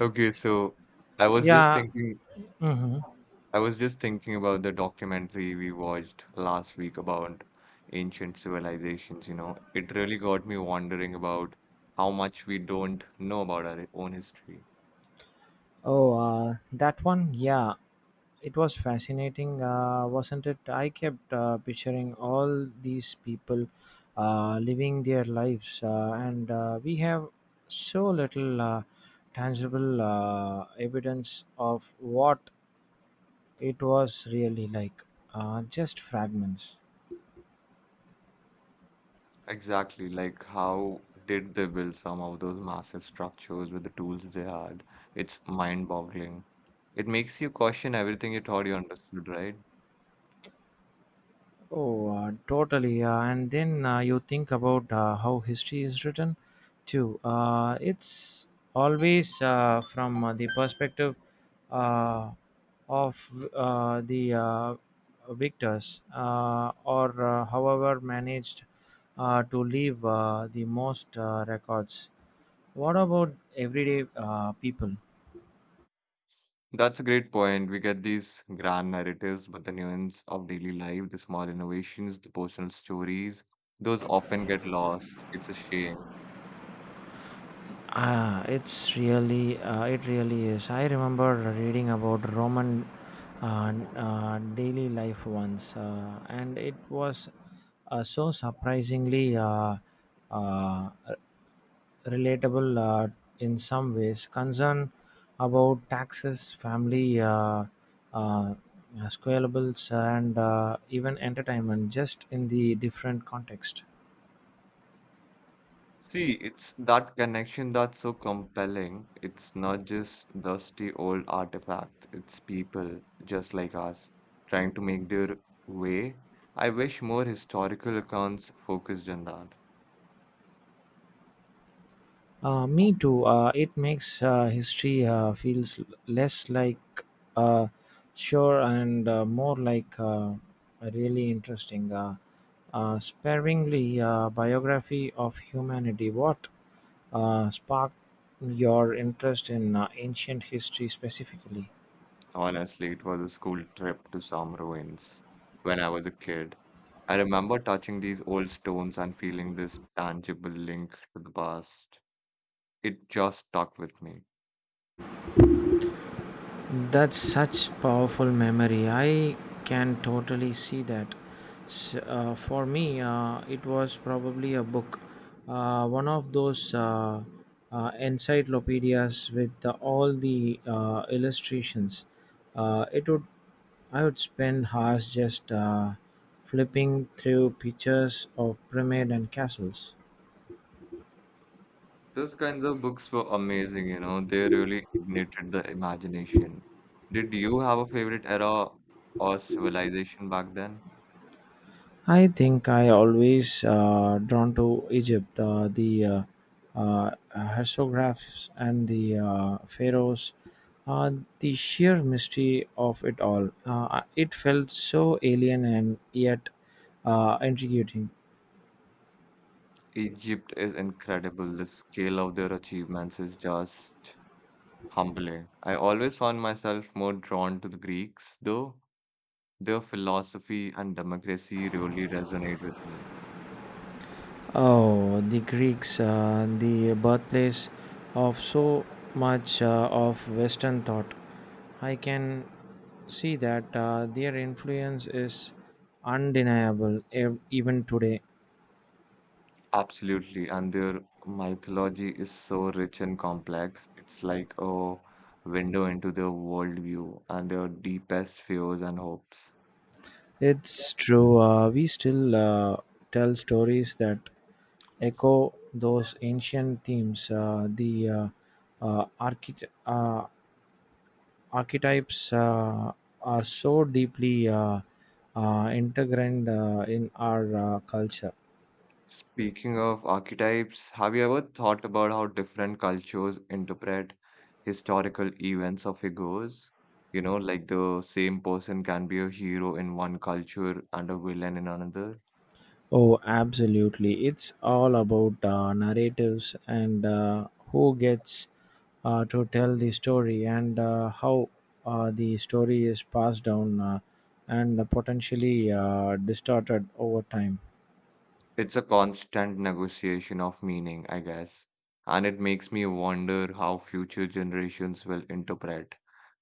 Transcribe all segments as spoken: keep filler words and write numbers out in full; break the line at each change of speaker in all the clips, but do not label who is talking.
Okay, so I was just
Yeah.
thinking,
Hmm.
I was just thinking about the documentary we watched last week about ancient civilizations, you know. It really got me wondering about how much we don't know about our own history.
Oh, uh, that one. Yeah, it was fascinating, uh, wasn't it? I kept uh, picturing all these people uh, living their lives, uh, and uh, we have so little uh, tangible uh, evidence of what it was really like. Uh, just fragments.
Exactly, like how did they build some of those massive structures with the tools they had? It's mind-boggling. It makes you question everything you thought you understood, right?
Oh, uh, totally. Uh, and then uh, you think about uh, how history is written, too. Uh, it's always uh, from uh, the perspective uh, of uh, the uh, victors, uh, or uh, however managed uh, to leave uh, the most uh, records. What about everyday uh, people?
That's a great point. We get these grand narratives, but the nuance of daily life, the small innovations, the personal stories, those often get lost. It's a shame.
Ah, it's really, uh, it really is. I remember reading about Roman uh, uh, daily life once, uh, and it was uh, so surprisingly uh, uh, relatable uh, in some ways. Concern about taxes, family, uh, uh, squalables, and uh, even entertainment, just in the different context.
See, it's that connection that's so compelling. It's not just dusty old artifacts, it's people just like us trying to make their way. I wish more historical accounts focused on that.
Uh, me too. Uh, it makes uh, history uh, feels l- less like uh, sure and uh, more like uh, really interesting. Uh, uh, sparingly uh, biography of humanity. What uh, sparked your interest in uh, ancient history specifically?
Honestly, it was a school trip to some ruins when I was a kid. I remember touching these old stones and feeling this tangible link to the past. It just stuck with me.
That's such powerful memory. I can totally see that. S- uh, for me, uh, it was probably a book, uh, one of those uh, uh, encyclopedias with uh, all the uh, illustrations. Uh, it would, I would spend hours just uh, flipping through pictures of pyramid and castles.
Those kinds of books were amazing, you know, they really ignited the imagination. Did you have a favorite era or civilization back then?
I think I always uh, drawn to Egypt, uh, the uh, uh, hieroglyphs and the uh, pharaohs, uh, the sheer mystery of it all. Uh, it felt so alien and yet uh, intriguing.
Egypt is incredible. The scale of their achievements is just humbling. I always found myself more drawn to the Greeks, though. Their philosophy and democracy really resonate with me.
Oh, the Greeks, uh, the birthplace of so much uh, of Western thought. I can see that uh, their influence is undeniable ev- even today.
Absolutely. And their mythology is so rich and complex. It's like a window into their worldview and their deepest fears and hopes.
It's true, uh, we still uh, tell stories that echo those ancient themes. Uh, the uh, uh, architect. Uh, archetypes uh, are so deeply uh, uh, integrated uh, in our uh, culture.
Speaking of archetypes, have you ever thought about how different cultures interpret historical events or figures? You know, like the same person can be a hero in one culture and a villain in another.
Oh, absolutely. It's all about uh, narratives and uh, who gets uh, to tell the story and uh, how uh, the story is passed down uh, and potentially uh, distorted over time.
It's a constant negotiation of meaning, I guess. And it makes me wonder how future generations will interpret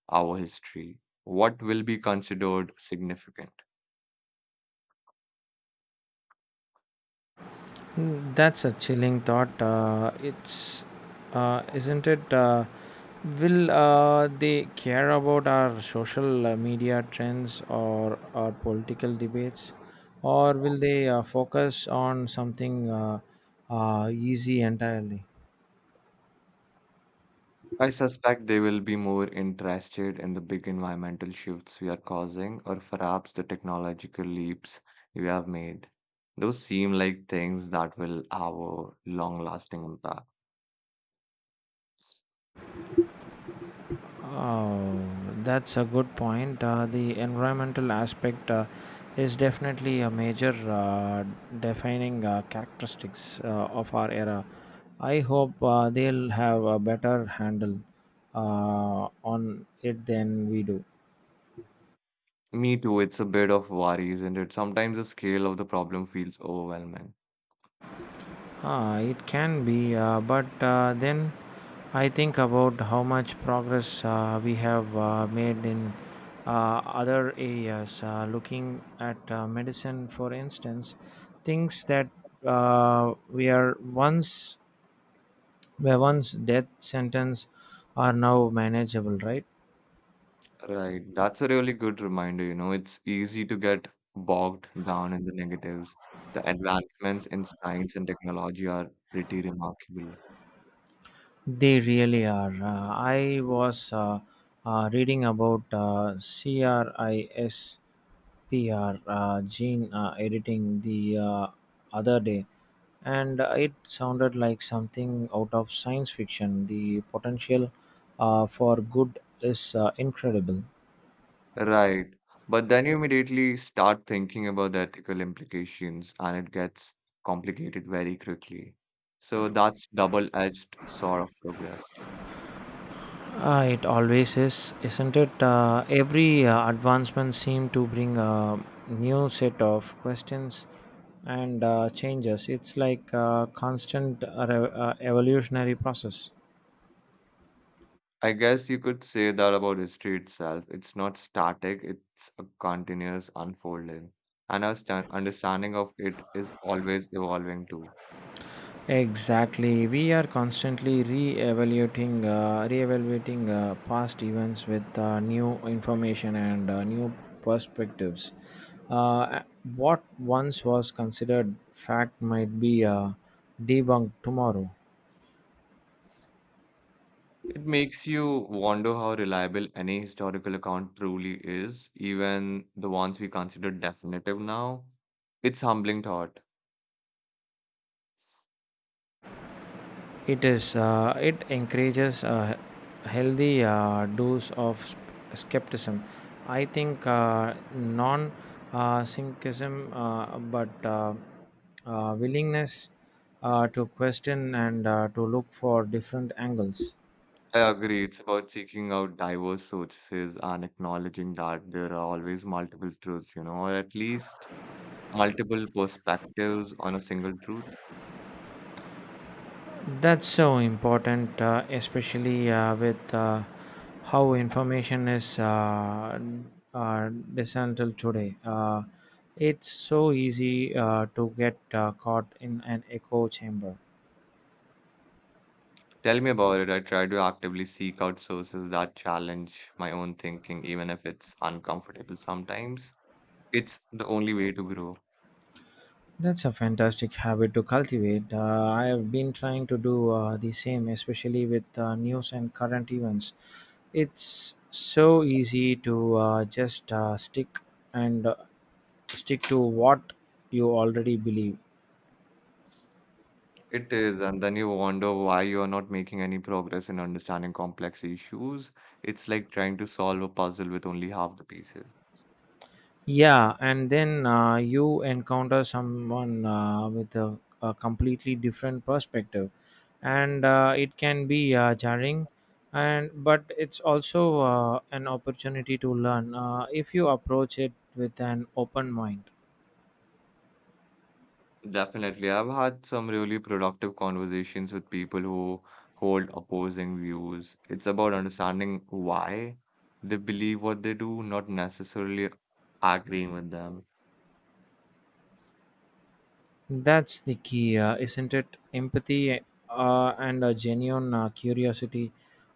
our history. What will be considered significant?
Mm, that's a chilling thought. Uh, it's, uh, isn't it? Uh, will uh, they care about our social uh, media trends or our political debates, or will they uh, focus on something uh, uh, easy entirely?
I suspect they will be more interested in the big environmental shifts we are causing, or perhaps the technological leaps we have made. Those seem like things that will have a long-lasting impact.
Oh, that's a good point. Uh, the environmental aspect uh, is definitely a major uh, defining uh, characteristics uh, of our era. I hope uh, they'll have a better handle uh, on it than we do.
Me too, it's a bit of worry, isn't it? Sometimes the scale of the problem feels overwhelming.
Ah, it can be, uh, but uh, then I think about how much progress uh, we have uh, made in uh, other areas. Uh, looking at uh, medicine, for instance, things that uh, we are once were once death sentence are now manageable, right?
Right. That's a really good reminder, you know. It's easy to get bogged down in the negatives. The advancements in science and technology are pretty remarkable.
They really are. Uh, I was uh, uh, reading about uh, CRISPR uh, gene uh, editing the uh, other day, and it sounded like something out of science fiction. The potential uh, for good is uh, incredible.
Right. But then you immediately start thinking about the ethical implications, and it gets complicated very quickly. So that's double-edged sort of progress.
Uh, it always is, isn't it? Uh, every uh, advancement seems to bring a new set of questions and uh, changes. It's like a constant re- uh, evolutionary process.
I guess you could say that about history itself. It's not static, it's a continuous unfolding. And our stan- understanding of it is always evolving too.
Exactly. We are constantly re-evaluating, uh, re-evaluating uh, past events with uh, new information and uh, new perspectives. Uh, what once was considered fact might be uh, debunked tomorrow.
It makes you wonder how reliable any historical account truly is, even the ones we consider definitive now. It's humbling thought.
It is. Uh, it encourages uh, healthy uh, dose of s- skepticism. I think uh, non uh, syncretism, uh, but uh, uh, willingness uh, to question and uh, to look for different angles.
I agree. It's about seeking out diverse sources and acknowledging that there are always multiple truths, you know, or at least multiple perspectives on a single truth.
That's so important, uh, especially uh, with uh, how information is uh, uh, dismantled today. Uh, it's so easy uh, to get uh, caught in an echo chamber.
Tell me about it. I try to actively seek out sources that challenge my own thinking, even if it's uncomfortable sometimes. It's the only way to grow.
That's a fantastic habit to cultivate. Uh, I have been trying to do uh, the same, especially with uh, news and current events. It's so easy to uh, just uh, stick and uh, stick to what you already believe.
It is, and then you wonder why you are not making any progress in understanding complex issues. It's like trying to solve a puzzle with only half the pieces.
Yeah, and then uh, you encounter someone uh, with a, a completely different perspective and uh, it can be uh, jarring and but it's also uh, an opportunity to learn uh, if you approach it with an open mind.
Definitely, I've had some really productive conversations with people who hold opposing views. It's about understanding why they believe what they do, not necessarily agreeing with them.
That's the key, uh, isn't it? Empathy uh, and a genuine uh, curiosity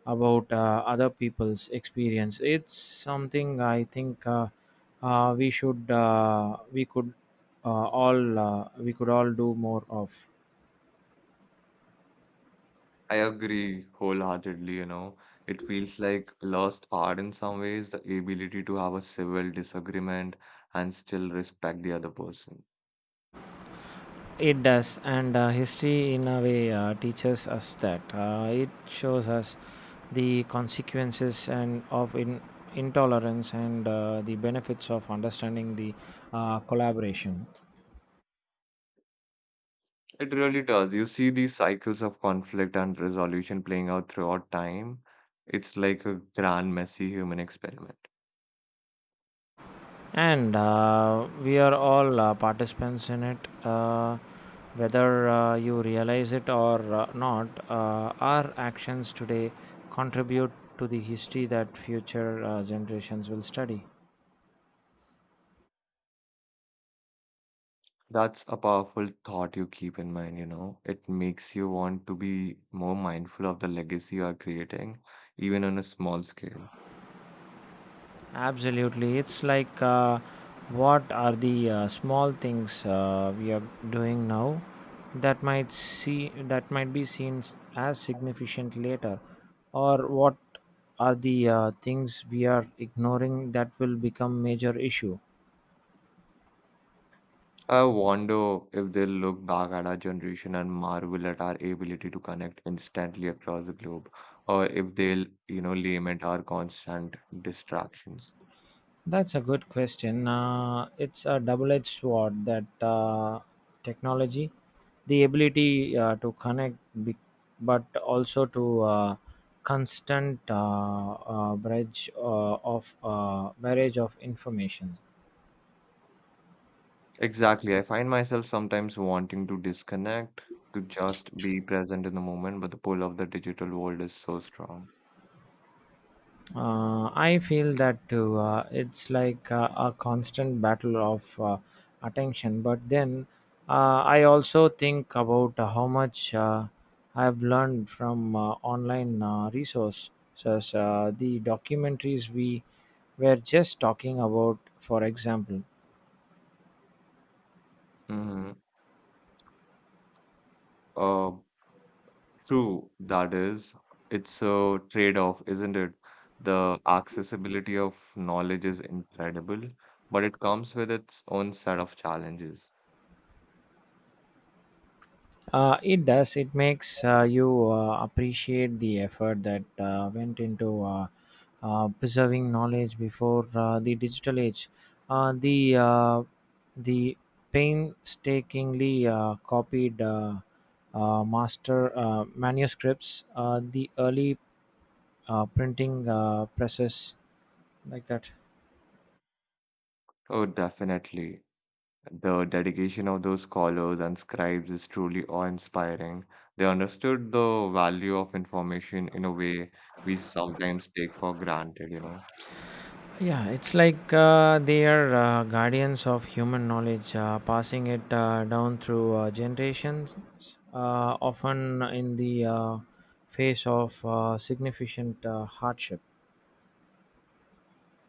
about uh, other people's experience. It's something I think uh, uh, we should, uh, we could uh, all, uh, we could all do more of.
I agree wholeheartedly, you know. It feels like lost art in some ways, the ability to have a civil disagreement and still respect the other person.
It does, and uh, history in a way uh, teaches us that. Uh, it shows us the consequences and of in, intolerance and uh, the benefits of understanding the uh, collaboration.
It really does. You see these cycles of conflict and resolution playing out throughout time. It's like a grand, messy human experiment.
And uh, we are all uh, participants in it, uh, whether uh, you realize it or uh, not. Uh, our actions today contribute to the history that future uh, generations will study.
That's a powerful thought you keep in mind, you know. It makes you want to be more mindful of the legacy you are creating, even on a small scale.
Absolutely. It's like uh, what are the uh, small things uh, we are doing now that might see that might be seen s- as significant later, or what are the uh, things we are ignoring that will become major issue.
I wonder if they'll look back at our generation and marvel at our ability to connect instantly across the globe, or if they'll, you know, lament our constant distractions.
That's a good question. Uh, it's a double edged sword, that uh, technology, the ability uh, to connect, be- but also to uh, constant uh, uh, bridge uh, of uh, barrage of information.
Exactly. I find myself sometimes wanting to disconnect, to just be present in the moment, but the pull of the digital world is so strong.
Uh, I feel that too. Uh, it's like uh, a constant battle of uh, attention. But then uh, I also think about uh, how much uh, I have learned from uh, online uh, resources. Uh, the documentaries we were just talking about, for example.
Mm-hmm. Uh, True, that is. It's a trade-off, isn't it? The accessibility of knowledge is incredible, but it comes with its own set of challenges.
Uh, it does. It makes uh, you uh, appreciate the effort that uh, went into uh, uh, preserving knowledge before uh, the digital age. Uh, the uh, the painstakingly uh, copied uh, uh, master uh, manuscripts, uh, the early uh, printing uh, presses, like that.
Oh, definitely. The dedication of those scholars and scribes is truly awe-inspiring. They understood the value of information in a way we sometimes take for granted, you know.
Yeah, it's like uh, they are uh, guardians of human knowledge, uh, passing it uh, down through uh, generations, uh, often in the uh, face of uh, significant uh, hardship.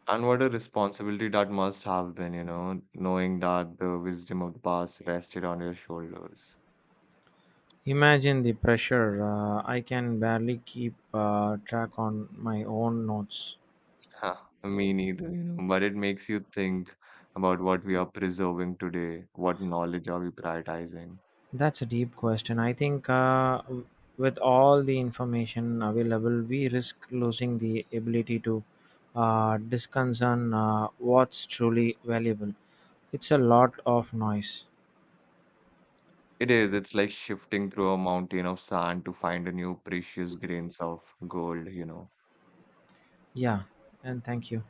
And what a responsibility that must have been, you know, knowing that the wisdom of the past rested on your shoulders.
Imagine the pressure. Uh, I can barely keep uh, track on my own notes.
Huh, me neither, you know, but it makes you think about what we are preserving today, what knowledge are we prioritizing.
That's a deep question. I think uh, w- with all the information available, we risk losing the ability to uh, disconcern uh, what's truly valuable. It's a lot of noise.
It is, it's like shifting through a mountain of sand to find a new precious grains of gold, you know.
Yeah, and thank you.